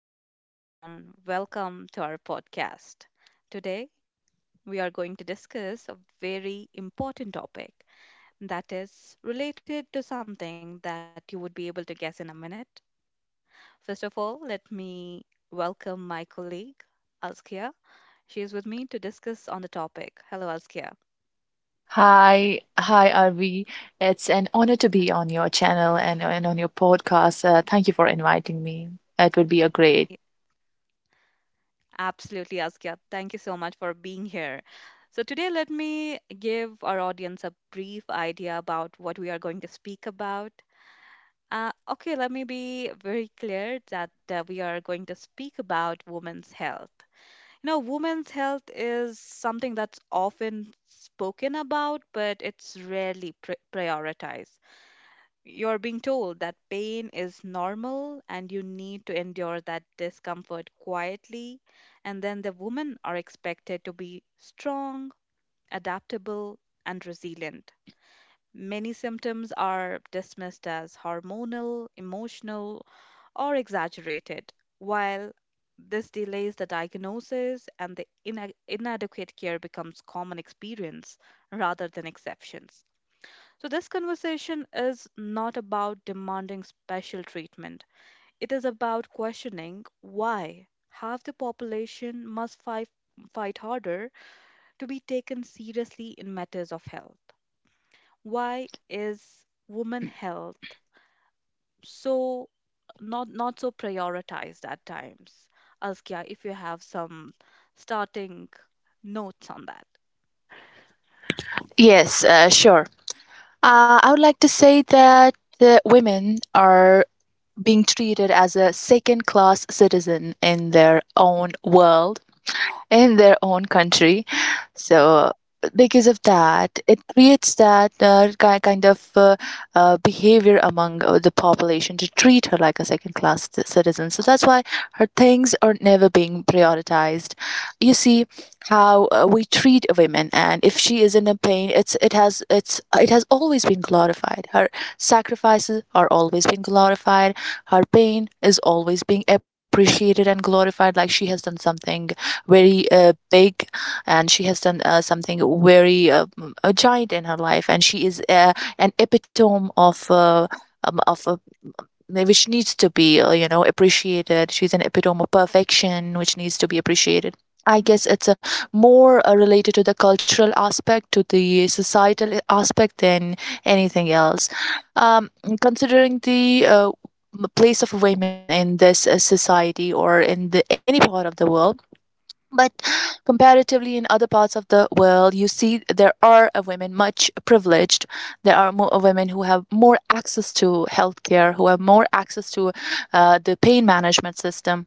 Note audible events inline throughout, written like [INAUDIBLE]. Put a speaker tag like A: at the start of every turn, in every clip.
A: Hello, everyone. Welcome to our podcast. Today, we are going to discuss a very important topic that is related to something that you would be able to guess in a minute. First of all, let me welcome my colleague, Azkia. She is with me to discuss on the topic. Hello, Azkia.
B: Hi, Arvi. It's an honor to be
A: Huh?
B: on your channel and on your podcast. Thank you for inviting me. It would be a great.
A: Y- Absolutely, Azkia. Thank you so much for being here. So, today, let me give our audience a brief idea about what we are going to speak about. Okay, let me be very clear that we are going to speak about women's health. You know, women's health is something that's often spoken about, but it's rarely prioritized. You're being told that pain is normal and you need to endure that discomfort quietly, and then the women are expected to be strong, adaptable, and resilient. Many symptoms are dismissed as hormonal, emotional, or exaggerated, while this delays the diagnosis and the inadequate care becomes common experience rather than exceptions. So, this conversation is not about demanding special treatment, it is about questioning why half the population must fight harder to be taken seriously in matters of health. Why is women health so not so prioritized at times? Askia, if you have some starting notes on that.
B: Yes, sure. I would like to say that women are being treated as a second class citizen in their own world in their own country. So because of that, it creates that kind of behavior among the population to treat her like a second class citizen. So that's why her things are never being prioritized. You see how we treat women, and if she is in a pain, it has it has always been glorified. Her sacrifices are always being glorified. Her pain is always being appreciated and glorified, like she has done something very big, and she has done something very a giant in her life, and she is an epitome of a which needs to be appreciated. She's an epitome of perfection which needs to be appreciated. I
A: Mm.
B: guess it's a more related to the cultural aspect, to the societal aspect than anything else. um, Considering the place of women in this society or in the any part of the world, but [SIGHS] comparatively in other parts of the world you see there are women much privileged. There are more women who have more access to healthcare, who have more access to the pain management system.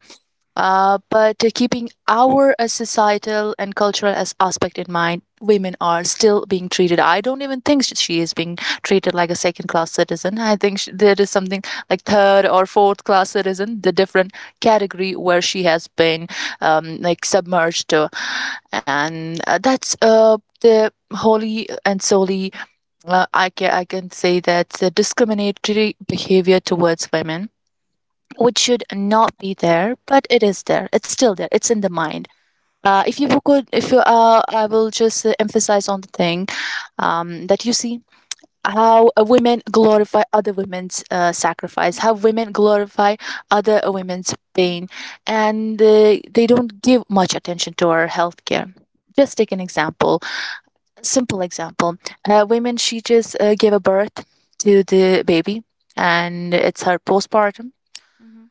B: But keeping our societal and cultural as aspect in mind, women are still being treated. I don't even think she is being treated like a second class citizen. I think sh there is something like third or fourth class citizen, the different category where she has been like submerged to, and that's the wholly and solely I can say that's a discriminatory behavior towards women which should not be there, but it is there. It's still there. It's in the mind. If you could, if you, I will just emphasize on the thing, that you see how women glorify other women's sacrifice, how
A: Mhm.
B: women glorify other women's
A: Mhm.
B: pain, and they don't give much attention to our healthcare. Just take an example, a simple example. Women, she just gave a birth to the baby, and it's her postpartum.
A: Mhm.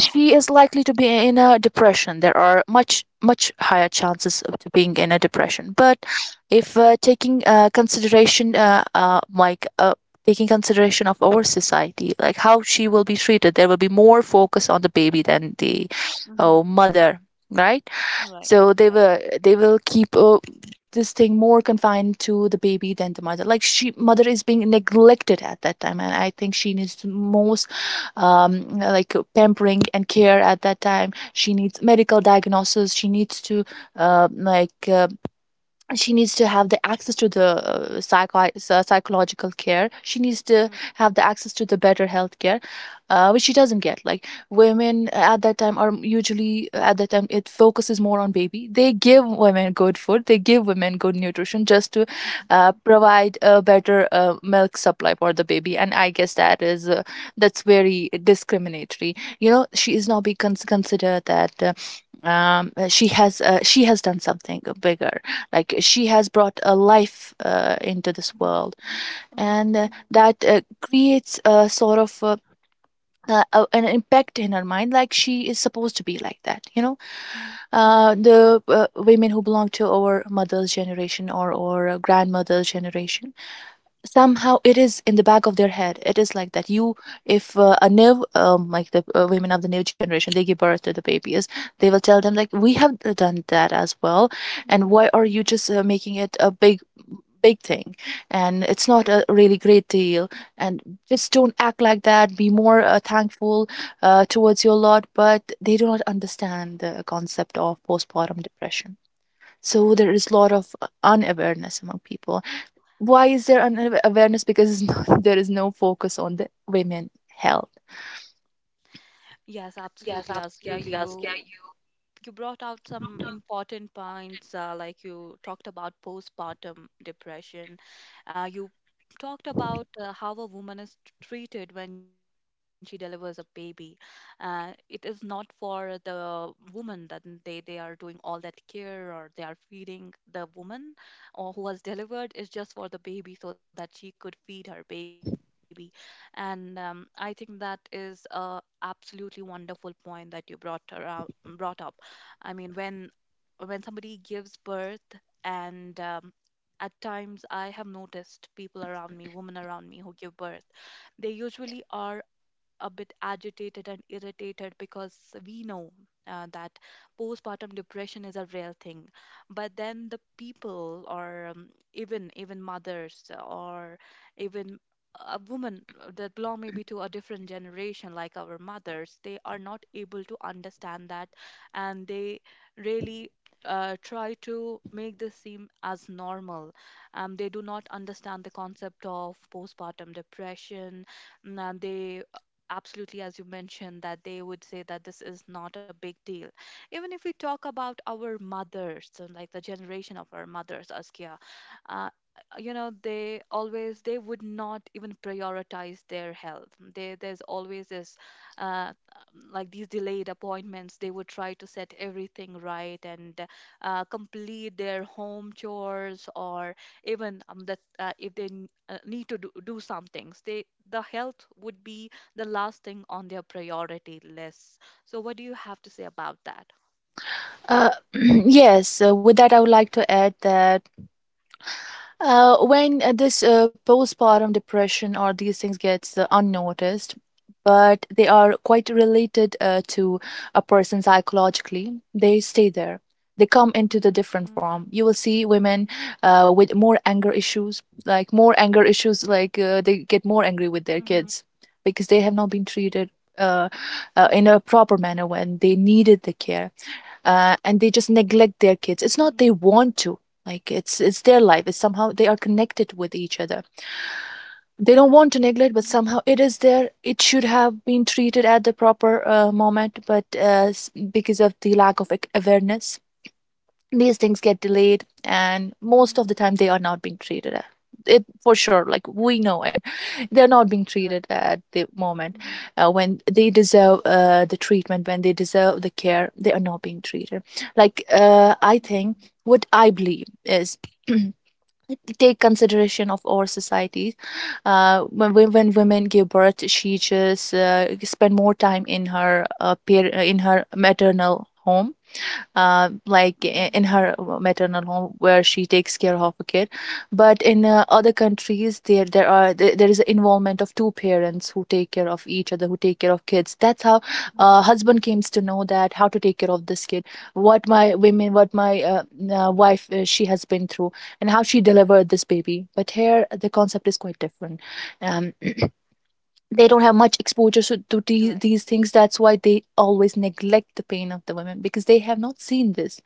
B: She is likely to be in a depression. There are much higher chances of to being in a depression. But if taking consideration of our society, like how she will be treated, there will be more focus on the baby than the
A: Mm-hmm.
B: oh, mother, right?
A: Right.
B: So they will keep this thing more confined to the baby than the mother. Like she mother is being neglected at that time, and I think she needs the most, like, pampering and care at that time. She needs medical diagnosis. She needs to uh, like uh, she needs to have the access to the psychological care. She needs to
A: Mhm.
B: have the access to the better health care, which she doesn't get. Like women at that time are usually at that time it focuses more on baby. They give women good food, they give women good nutrition just to
A: Mhm.
B: provide a better milk supply for the baby, and I guess that is that's very discriminatory. You know, she is not be considered that she has done something bigger, like she has brought a life into this
A: Mhm.
B: world,
A: Mhm.
B: and that creates a sort of an impact in her mind, like she is supposed to be like that, you know.
A: Mhm.
B: The women who belong to our mother's generation or grandmother's generation, somehow it is in the back of their head, it is like that. You, if a new, like, the women of the new generation, they give birth to the babies, they will tell them, like, we have done that as well, and
A: Mhm.
B: why are you just making it a big thing, and it's not a really great deal, and just don't act like that. Be more thankful towards your lot. But they do not understand the concept of postpartum depression. So there is a lot of unawareness among people. Why is there unawareness? Because [LAUGHS] there is no focus on the women health.
A: Yes, yes, absolutely, Askia. You brought out some important points, like you talked about postpartum depression. You talked about how a woman is treated when she delivers a baby. It is not for the woman that they are doing all that care, or they are feeding the woman or who has delivered, is just for the baby so that she could feed her baby. And I think that is a absolutely wonderful point that you brought up. I mean, when somebody gives birth and at times I have noticed people around me women around me who give birth, they usually are a bit agitated and irritated because we know that postpartum depression is a real thing. But then the people, or even mothers, or even a woman that belong maybe to a different generation, like our mothers, they are not able to understand that, and they really try to make this seem as normal. They do not understand the concept of postpartum depression, and they, absolutely, as you mentioned, that they would say that this is not a big deal. Even if we talk about our mothers, so like the generation of our mothers, Askia, uh, you know, they would not even prioritize their health. They there's always this, uh, like these delayed appointments. They would try to set everything right and complete their home chores, or even that, if they need to do some things, the health would be the last thing on their priority list. So what do you have to say about that?
B: Uh, [CLEARS THROAT] yes, with that, I would like to add that when this postpartum depression or these things gets unnoticed, but they are quite related to a person psychologically, they stay there. They come into the
A: Mhm.
B: different form. You
A: Mhm.
B: will see women with more anger issues, like more anger issues, like they get more angry with their
A: Mhm.
B: kids because they have not been treated uh, in
A: Mhm.
B: a proper manner when they needed the care, and they just neglect their kids. It's not
A: Mhm.
B: they want to. Like, it's their life. It's somehow they are connected with each other. They don't want to neglect, but
A: Mhm.
B: somehow it is there. It should have been treated at the proper moment, but because of the lack of awareness, these things get delayed, and most
A: Mhm.
B: of the time they are not being treated it for sure, like, we know it they're not being
A: Correct.
B: treated at the moment
A: Mhm.
B: when they deserve the treatment, when they deserve the care they are not being treated. Like, I think
A: Mhm.
B: what I believe is [CLEARS THROAT] take consideration of our society. When women give birth, she just spend more time in her in her maternal home, in
A: Mhm.
B: her maternal home, where she takes care of a kid. But in other countries there is an involvement of two parents who take care of each other, who take care of kids. That's how
A: Mhm.
B: husband comes to know that how to take care of this kid, what my women, what my wife she has been through, and how she delivered this baby. But here the concept is quite different. um, they don't have much exposure so, to the,
A: Right.
B: these things. That's why they always neglect the pain of the women, because they have not seen this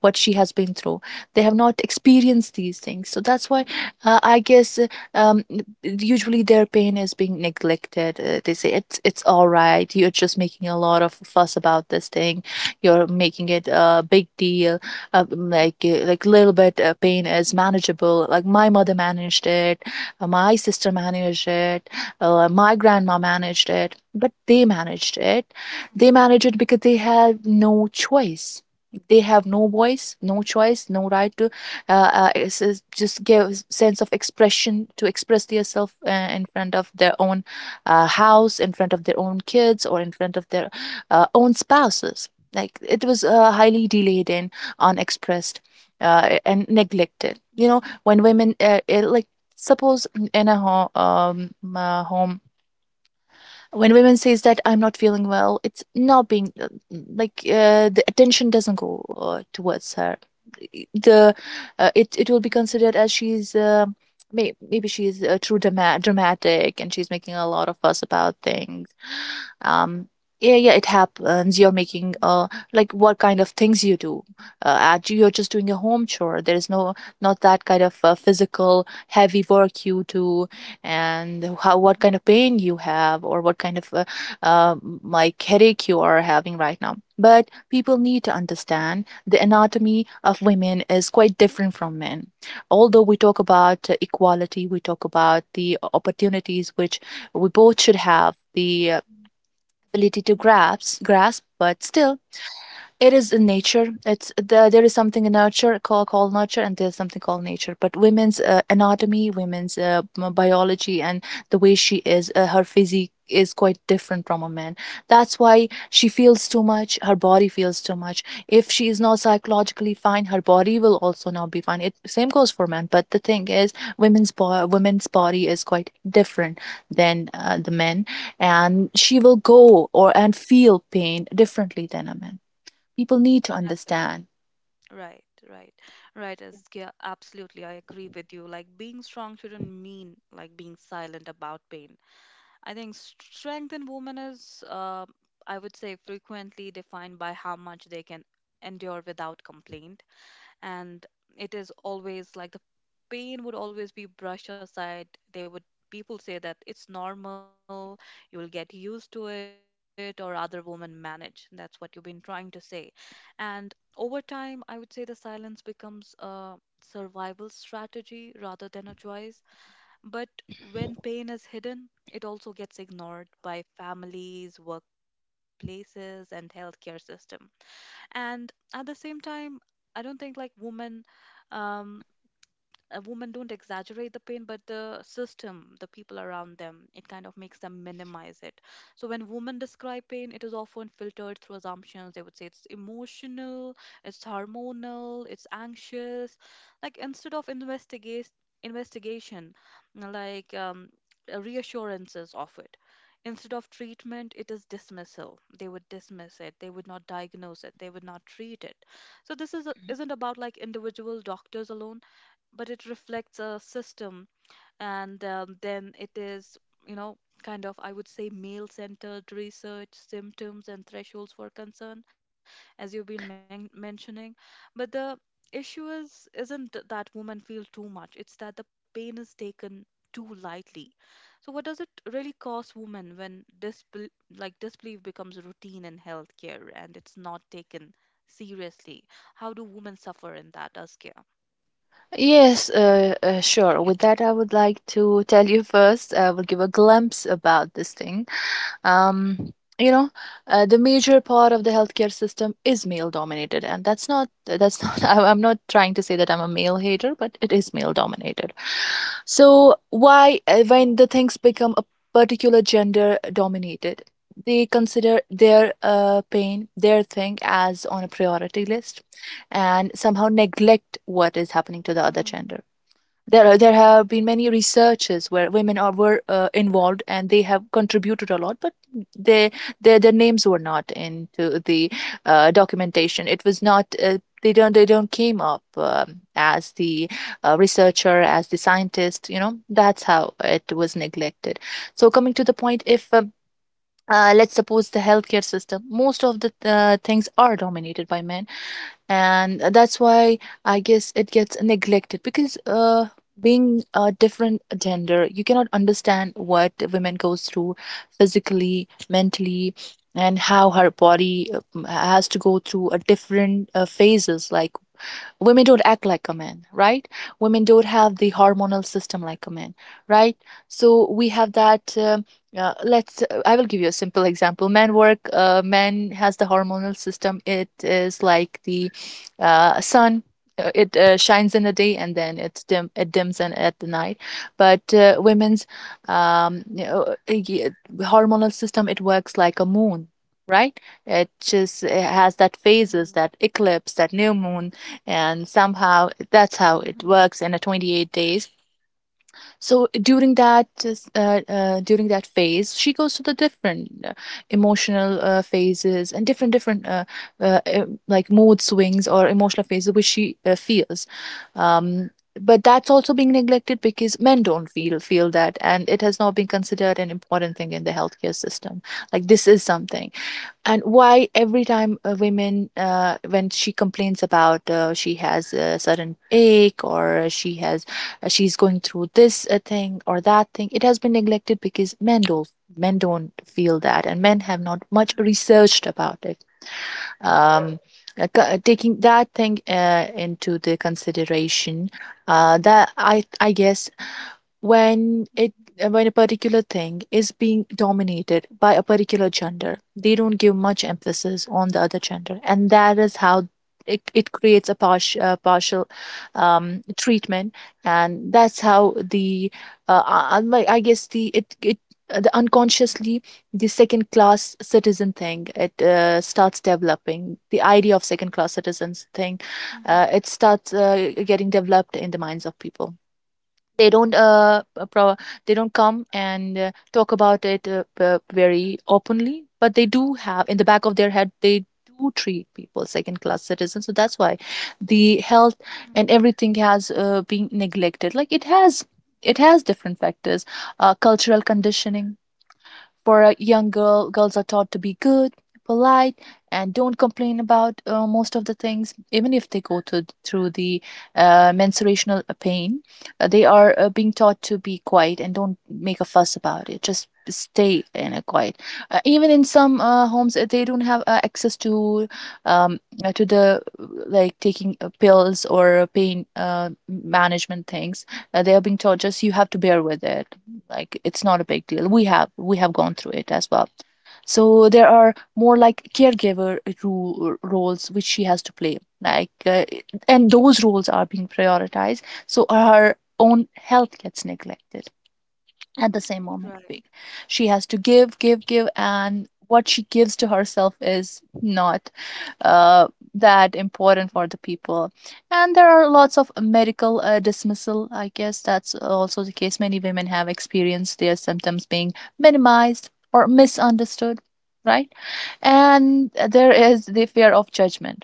B: what she has been through. They have not experienced these things. So
A: Mhm.
B: that's why uh, i guess uh, um, usually their pain is being neglected. They say it's all right, you're just making a lot of fuss about this thing, you're making it a big deal. Like little bit pain
A: Mhm.
B: is manageable, like my mother managed it, my sister managed it, my grandma managed it, but they managed it.
A: Mhm.
B: They managed it because they had no choice. They have no voice, no choice, no right to it's just give sense of expression to express themselves in front of their own house, in front of their own kids, or in front of their own spouses. Like it was highly delayed and unexpressed and neglected. You
A: Mhm.
B: know, when women it, like suppose in a home, home. When women says that I'm not feeling well, it's not being the attention doesn't go towards her. The uh, it
A: Mhm.
B: it will be considered as she's maybe she's too dramatic, and she's making a lot of fuss about things. um yeah, yeah, it happens. You're making like what kind of things you do. Actually you're just doing a home chore. There is no not that kind of physical heavy work you do. And how,
A: Mhm.
B: what kind of pain you have, or what kind of uh, like headache you are having right now. But people need to understand the anatomy of women is quite different from men. Although we talk about equality, we talk about the opportunities which we both should have the
A: Mhm.
B: ability to
A: Hmm.
B: grasp, but still it is in nature. It's the, there is something in nurture called, nurture, and there's something called nature. But women's anatomy, women's biology, and the way she is, her physique is quite different from a man. That's why she feels too much. Her body feels too much. If she is not psychologically fine, her body will also not be fine. It same goes for men. But the thing is, women's body is quite different than the men, and she will go or and feel pain differently than a man. People need to
A: Exactly.
B: understand.
A: Right, right, right. As Yeah, absolutely, I agree with you. Like being strong shouldn't mean like being silent about pain. I think strength in women is, I would say, frequently defined by how much they can endure without complaint, and it is always like the pain would always be brushed aside. They would People say that it's normal, you will get used to it, or other women manage. That's what you've been trying to say. And over time, I would say the silence becomes a survival strategy rather than a choice. But when pain is hidden, it also gets ignored by families, workplaces, and healthcare system. And at the same time, I don't think like women um, a woman don't exaggerate the pain, but the system, the people around them, it kind of makes them minimize it. So when women describe pain, it is often filtered through assumptions. They would say it's emotional, it's hormonal, it's anxious, like instead of investigate investigation, like reassurances of it instead of treatment, it is dismissal. They would dismiss it, they would not diagnose it, they would not treat it. So this isn't about like individual doctors alone, but it reflects a system. And then it is, you know, kind of, I would say, male centered research, symptoms, and thresholds for concern, as you've been mentioning. But the issue is, isn't that women feel too much, it's that the pain is taken too lightly. So, what does it really cost women when like disbelief becomes routine in healthcare and it's not taken seriously? How do women suffer in that, us care?
B: Yes, sure. With that, I would like to tell you first, I will give a glimpse about this thing. um, you know the major part of the healthcare system is male dominated, and that's not [LAUGHS] I'm not trying to say that I'm a male hater, but it is male dominated. So why, when
A: Right.
B: the things become a particular gender dominated, they consider their pain, their thing, as on a priority list, and somehow neglect what is happening to the other
A: Mm-hmm.
B: gender. There have been many researches where women are were
A: Right.
B: involved, and they have contributed a lot, but they, their names were not into the documentation. It was not uh, they don't they don't came up as the researcher, as the scientist. That's how it was neglected. So coming to the point, if let's suppose the healthcare system, most of the things are dominated by men, and that's why I guess it gets neglected, because being a different gender, you cannot understand what women goes through physically, mentally, and how her body has to go through a different phases. Like, women don't act like a man, right? Women don't have the hormonal system like a man, right? So we have that. Let's I will give you a simple example. Men has the hormonal system. It is like the sun. It shines in the day, and then it dims in at the night. But women's, um, you
A: Mhm.
B: know, uh, hormonal system, it works like a moon, right? It has that phases,
A: Mhm.
B: that eclipse, that new moon, and somehow that's how it
A: Mhm.
B: works in a 28 days. So during that phase, she goes to the different emotional phases, and different like mood swings or emotional phases which she feels. um, but that's also being neglected, because men don't feel that, and it has not been considered an important thing in the healthcare system. Like, this is something. And why every time a women, when she complains about, she has a sudden ache, or she has, she's going through this thing or that thing, it has been neglected because men don't feel that, and men have not much
A: Mhm.
B: researched about it. um, Taking that thing into the consideration, that I guess when
A: Mhm.
B: it, when a particular thing is being dominated by a particular gender, they don't give much emphasis on the other gender, and that is how it creates a partial, partial treatment. And that's how the, uh, I I guess the, it the unconsciously, the second class citizen thing, it starts developing the idea of second class citizens thing.
A: Mhm.
B: It starts getting developed in the minds of people. They don't uh, uh, pro- they don't come and talk about it very openly, but they do have in the back of their head, they do treat people second class citizens. So that's why the health and everything has been neglected. Like, it has, it has different factors. Cultural conditioning: for a young girl, girls are taught to be good, polite, and don't complain about,
A: Mhm.
B: most of the
A: Mhm.
B: things,
A: Mhm.
B: even if they go through the menstruational pain. They are being taught to be quiet and don't make a fuss about it. Just stay in a quiet. Even in some homes, they don't have access um, to the like taking pills or pain management things. They are being taught, just you have to bear with it, like it's not a big deal, we have gone through it as well. So there are more like caregiver roles which she has to play, like, and those roles are being prioritized, so her own health gets neglected at the same moment big.
A: Right.
B: She has to give, give, give, and what she gives to herself is not, uh, that important for the
A: Mhm.
B: people. And there are lots of medical dismissal. I guess that's also the case. Many women have experienced their symptoms being minimized or misunderstood, right? And there is the
A: Mhm.
B: fear of judgment,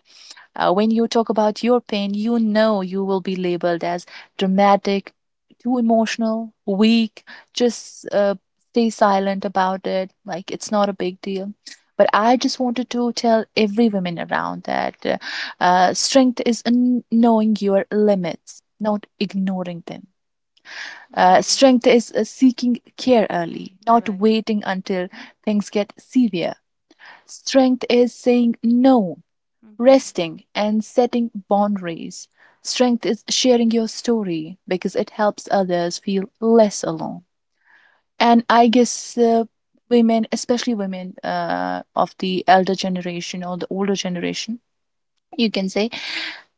B: when you talk about your pain. You will be labeled as dramatic, too emotional, weak. Just, stay silent about it. Like, it's not a big deal. But I just wanted to tell every woman around that, strength is in knowing your limits, not ignoring them.
A: Mhm.
B: Strength is, seeking care early,
A: Right.
B: not waiting until things get severe. Strength is saying no,
A: Mhm.
B: resting and setting boundaries. Strength is sharing your story, because it helps others feel less alone. And I guess, women, especially women of the elder generation or the older generation, you can say,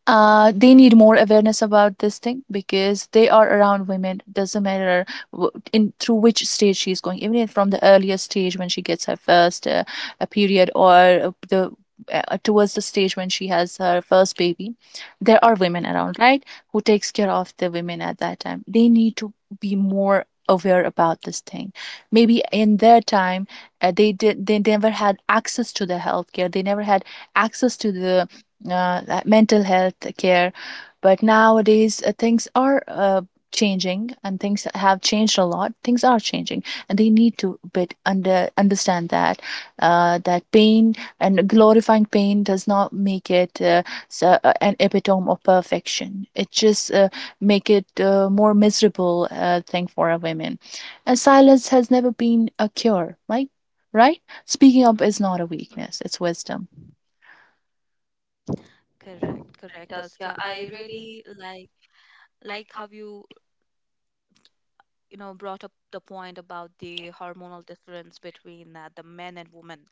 A: Mhm.
B: they need more awareness about this thing, because they are around women. Doesn't matter in through which stage she's going, even if from the earliest stage when she gets her first, a period, or the towards the stage when she has her first baby. There are women around, right? Who takes care of the women at that time? They need to be more aware about this thing. Maybe in their time, they never had access to the healthcare. They never had access to the, that mental health care. But nowadays, things are, changing, and things have changed a lot. Things are changing, and they need to bit understand that, that pain and glorifying pain does not make it, an epitome of perfection. It just, make it, more miserable thing for a women. And silence has never been a cure, right? Right? Speaking up
A: Mhm.
B: is not a
A: All right.
B: weakness; it's wisdom.
A: Correct, correct, Askia. I really like how you you know brought up the point about the hormonal difference between the men and women.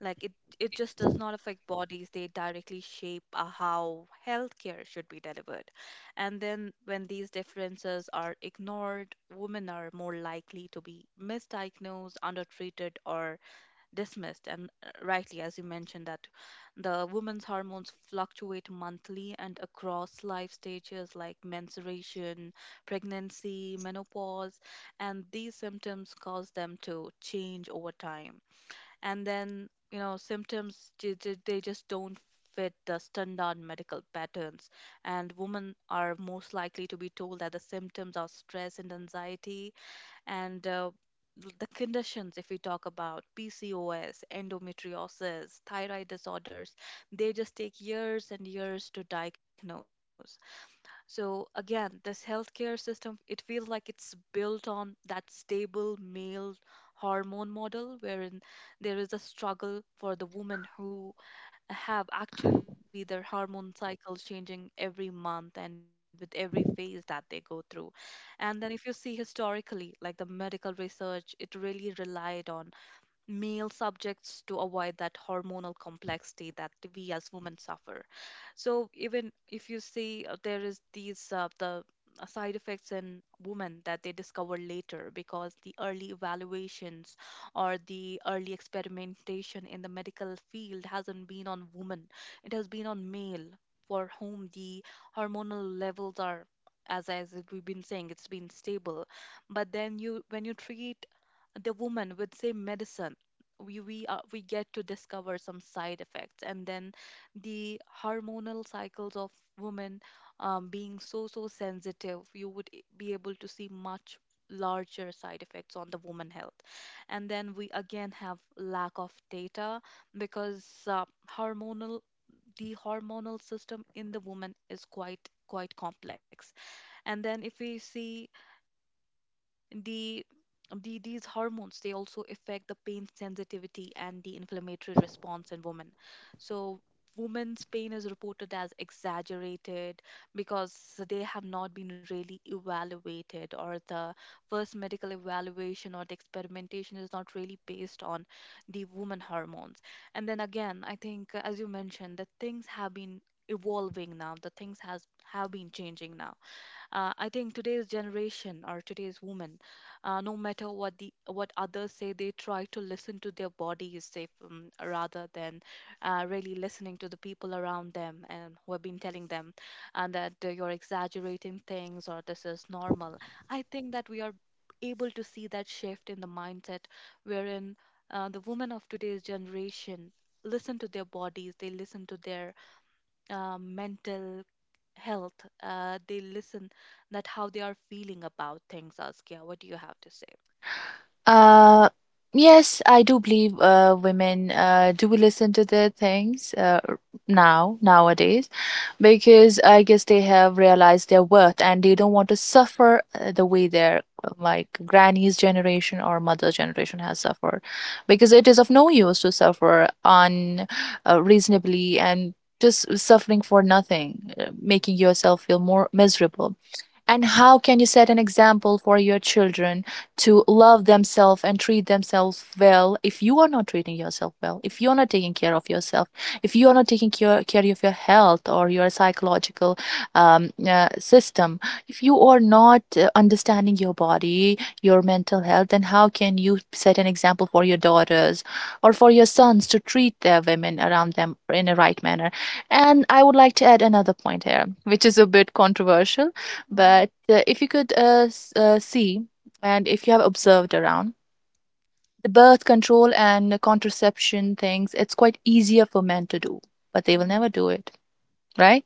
A: Like it just does not affect bodies, they directly shape how healthcare should be delivered. And then when these differences are ignored, women are more likely to be misdiagnosed, undertreated, or dismissed, and rightly, as you mentioned, that the woman's hormones fluctuate monthly and across life stages like menstruation, pregnancy, menopause, and these symptoms cause them to change over time. And then, you know, they just don't fit the standard medical patterns, and women are most likely to be told that the symptoms are stress and anxiety. And the conditions, if we talk about PCOS, endometriosis, thyroid disorders, they just take years and years to diagnose. So again, this healthcare system, it feels like it's built on that stable male hormone model, wherein there is a struggle for the women who have actually their hormone cycle changing every month and with every phase that they go through. And then if you see historically, like the medical research, it really relied on male subjects to avoid that hormonal complexity that we as women suffer. So even if you see, there is these the side effects in women that they discover later, because the early evaluations or the early experimentation in the medical field hasn't been on women, it has been on male, for whom the hormonal levels are, as we've been saying, it's been stable. But then you when you treat the woman with same medicine, we get to discover some side effects. And then the hormonal cycles of women, being so sensitive, you would be able to see much larger side effects on the woman health. And then we again have lack of data because hormonal the hormonal system in the woman is quite complex. And then if we see the these hormones, they also affect the pain sensitivity and the inflammatory response in women. So women's pain is reported as exaggerated because they have not been really evaluated, or the first medical evaluation or the experimentation is not really based on the woman hormones. And then again, I think, as you mentioned, that things have been evolving now. The things has have been changing now. I think today's generation or today's woman, no matter what others say, they try to listen to their bodies, if, rather than really listening to the people around them and who have been telling them, and that you're exaggerating things or this is normal. I think that we are able to see that shift in the mindset, wherein the women of today's generation listen to their bodies, they listen to their mental health, they listen that how they are feeling about things. Askia, what do you have to say?
B: Uh, yes, I do believe, women do listen to their things, nowadays, because I guess they have realized their worth, and they don't want to suffer, the way their, like, granny's generation or mother's generation has suffered, because it is of no use to suffer unreasonably. uh, and just suffering for nothing, making yourself feel more miserable. And how can you set an example for your children to love themselves and treat themselves well, if you are not treating yourself well, if you're not taking care of yourself, if you are not taking care of your health or your psychological, system, if you are not, understanding your body, your mental health, then how can you set an example for your daughters or for your sons to treat their women around them in a right manner? And I would like to add another point here, which is a bit controversial, but
A: Mm-hmm.
B: if you could, see, and if you have observed around, the birth control and contraception things, it's quite easier for men to do, but they will never do
A: Mm-hmm.
B: it, right?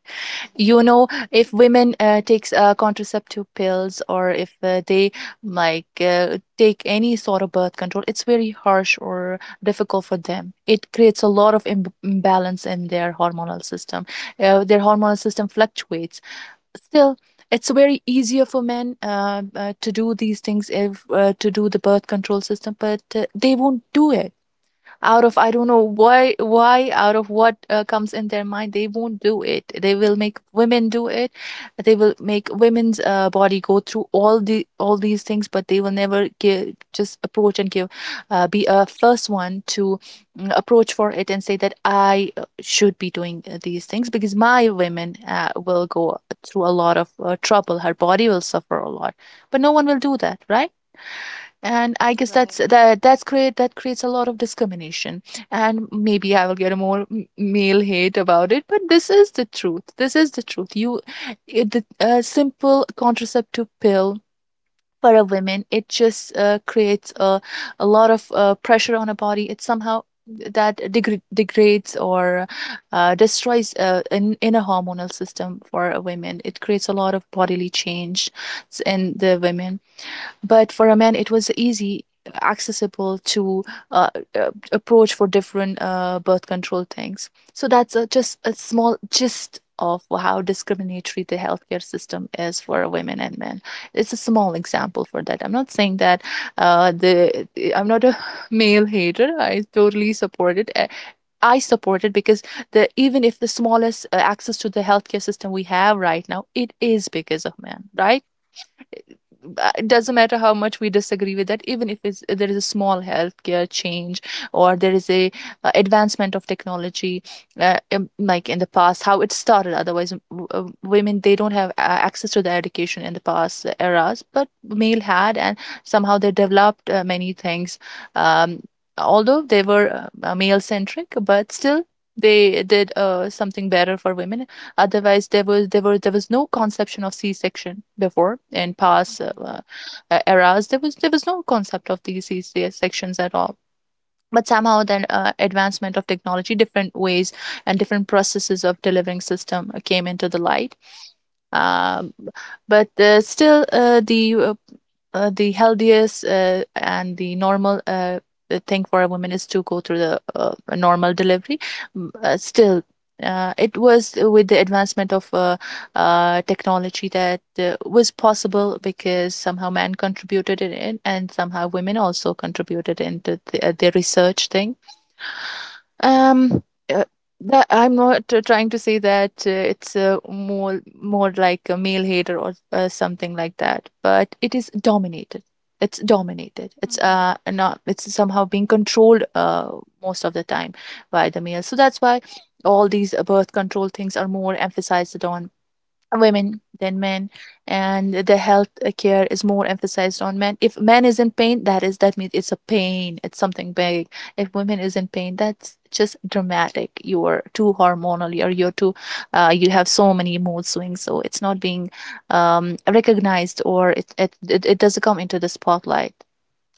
B: If women takes contraceptive pills, or if they, like, take any sort of birth control, it's very harsh or difficult for them. It creates a lot of imbalance in their hormonal system. Their hormonal system fluctuates. Still, it's very easier for men, to do these things, if to do the birth control system, but they won't do it out of, I don't know why out of what, comes in their mind. They won't do it. They will make women do it. They will make women's body go through all these things, but they will never give just approach and give, be a first one to, approach for it and say that I, should be doing, these things, because my women, will go through a lot of, trouble. Her body will suffer a lot. But no one will do that, right? And I guess
A: Right.
B: that's great. That creates a lot of discrimination, and maybe I will get a more male hate about it, but this is the truth. This is the truth you it, the a simple contraceptive pill for a woman, it just creates a lot of pressure on a body. It somehow degrades or destroys in a hormonal system. For a women, it creates a lot of bodily change in the women, but for a man it was easy accessible to uh, approach for different birth control things. So that's just a small gist of how discriminatory the healthcare system is for women and men. It's a small example for that. I'm not saying that I'm not a [LAUGHS] male hater. I totally support it. I support it because the even if the smallest access to the healthcare system we have right now, it is because of men, right? It
A: Mm-hmm.
B: doesn't matter how much we disagree with that. Even if there is a small healthcare change or there is a advancement of technology, like in the past how it started. Otherwise, women, they don't have access to the education in the past eras, but male had, and somehow they developed many things. um, Although they were male centric, but still they did something better for women. Otherwise, there was no conception of C-section before in past
A: Mm-hmm.
B: eras. There was no concept of these C-sections at all, but somehow then advancement of technology, different ways and different processes of delivering system came into the light uh, but still the The healthiest and the normal the thing for a woman is to go through the a normal delivery. Still, it was with the advancement of technology that was possible, because somehow man contributed it in, and somehow women also contributed into the research thing. um, uh, that I'm not trying to say that it's more like a male hater or something like that, but it is dominated. It's dominated.
A: Mm-hmm.
B: It's not. It's somehow being controlled most of the time by the male. So that's why all these birth control things are more emphasized on women than men, and the health care is more emphasized on men. If man is in pain, that means it's a pain, it's something big. If women is in pain, that's just dramatic. You're too hormonal or you're too you have so many mood swings. So it's not being recognized, or it doesn't come into the spotlight,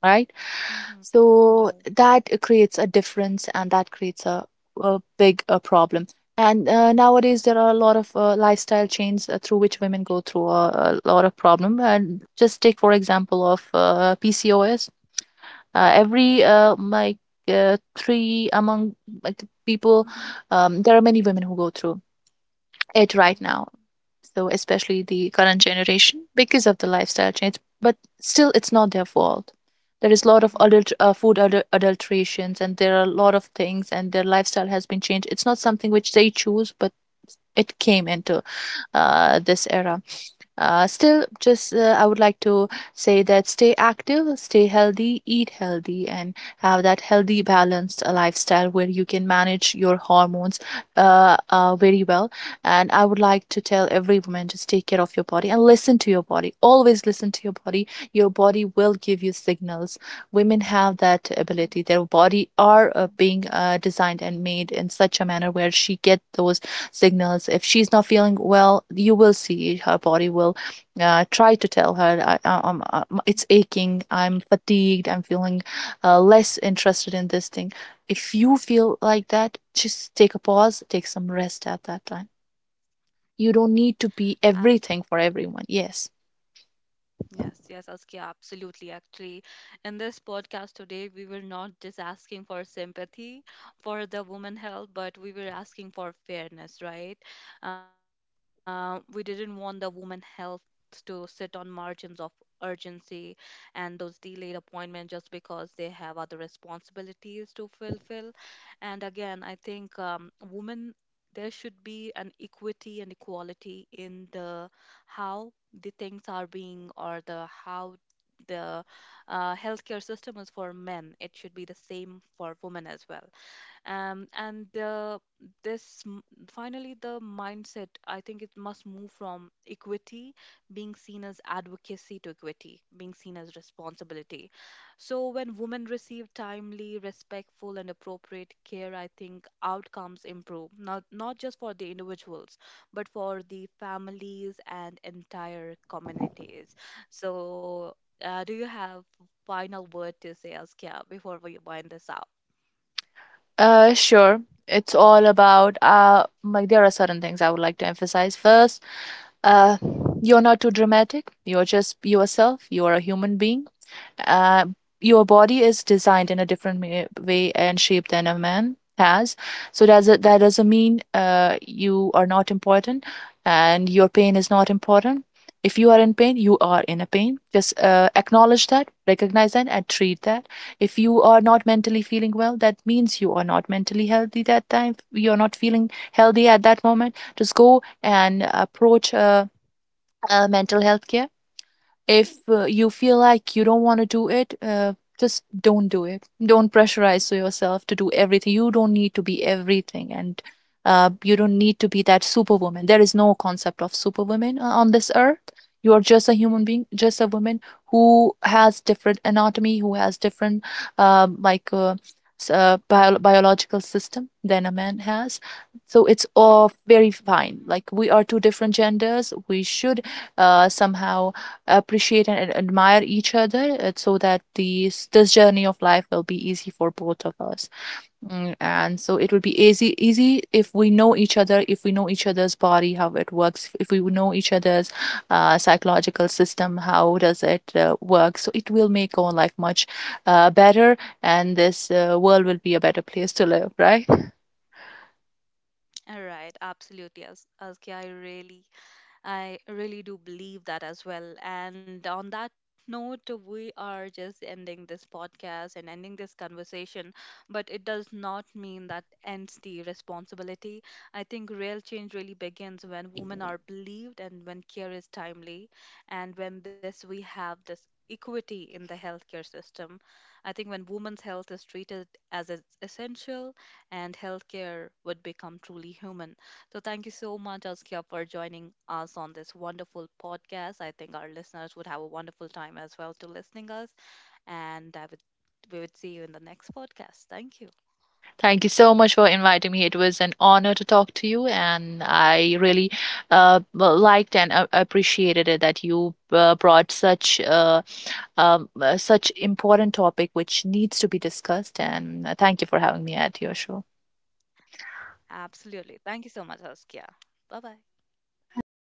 B: right?
A: Mm-hmm.
B: So
A: Right.
B: that creates a difference, and that creates a big problem. And nowadays there are a lot of lifestyle chains through which women go through a lot of problem. And just take, for example, of PCOS. Uh, every
A: Yes.
B: uh, like three among like people,
A: Mm-hmm.
B: there are many women who go through it right
A: Mm-hmm.
B: now. So especially the current generation, because of the lifestyle change. But still, it's not their fault. There is a lot of
A: Mm-hmm.
B: adult food adulterations, and there are a lot of things, and their lifestyle has been changed. It's not something which they choose, but it came into this era. Still, just I would like to say that stay active, stay healthy, eat healthy, and have that healthy, balanced lifestyle where you can manage your hormones very well. And I would like to tell every woman, just take care of your body and listen to your body. Always listen to your body. Your body will give you signals. Women have that ability. Their body are being designed and made in such a manner where she get those signals. If she's not feeling well, you will see her body will try to tell her, I
A: Mm-hmm.
B: it's aching, I'm fatigued, I'm feeling less interested in this thing. If you feel like that, just take a pause, take some rest at that time. You don't need to be everything for everyone. Yes.
A: Yes, yes, Askia, absolutely. Actually, in this podcast today, we were not just asking for sympathy for the woman health, but we were asking for fairness, right? We didn't want the woman health to sit on margins of urgency and those delayed appointments just because they have other responsibilities to fulfill. And again, I think, women. There should be an equity and equality in the how the things are being or the how the healthcare system is for men. It should be the same for women as well. And this m- finally, the mindset, I think, it must move from equity being seen as advocacy to equity being seen as responsibility. So when women receive timely, respectful and appropriate care, I think outcomes improve, not just for the individuals, but for the families and entire communities. So do you have final word to say, Askia, before we wind this up?
B: Sure. It's all about like there are certain things I would like to emphasize first. Uh, you're not too dramatic. You're just yourself. You are a human being. uh, your body is designed in a different way and shape than a man has. So does it that doesn't mean you are not important and your pain is not important. If you are in pain, you are in a pain. Just acknowledge that, recognize that, and treat that. If you are not mentally feeling well, that means you are not mentally healthy. That time you're not feeling healthy at that moment. Just go and approach a mental health care if you feel like you don't want to do it, just don't do it. Don't pressurize yourself to do everything. You don't need to be everything, and you don't need to be that superwoman. There is no concept of superwoman on this earth. You are just a human being, just a woman who has different anatomy, who has different um, like uh, biological system than a man has. So it's all very fine.
A: Mm-hmm.
B: Like, we are two different genders. We should somehow appreciate and admire each other so that these this journey of life will be easy for both of us. Mm, and so it will be easy if we know each other, if we know each other's body, how it works, if we know each other's psychological system, how does it work. So it will make our life much better, and this world will be a better place to live, right?
A: All right, absolutely, Askia. I really do believe that as well. And on that note, we are just ending this podcast and ending this conversation, but it does not mean that ends the responsibility. I think real change really begins when women are believed and when care is timely, and when this we have this equity in the healthcare system. I think when women's health is treated as essential, and healthcare would become truly human. So, thank you so much, Askia, for joining us on this wonderful podcast. I think our listeners would have a wonderful time as well to listening us, and I would we would see you in the next podcast. Thank you.
B: Thank you so much for inviting me. It was an honor to talk to you, and I really liked and appreciated it that you brought such such important topic which needs to be discussed.
A: Mm.
B: And thank you for having me at your show.
A: Absolutely. Thank you so much, Askia. Bye bye.
B: Hi.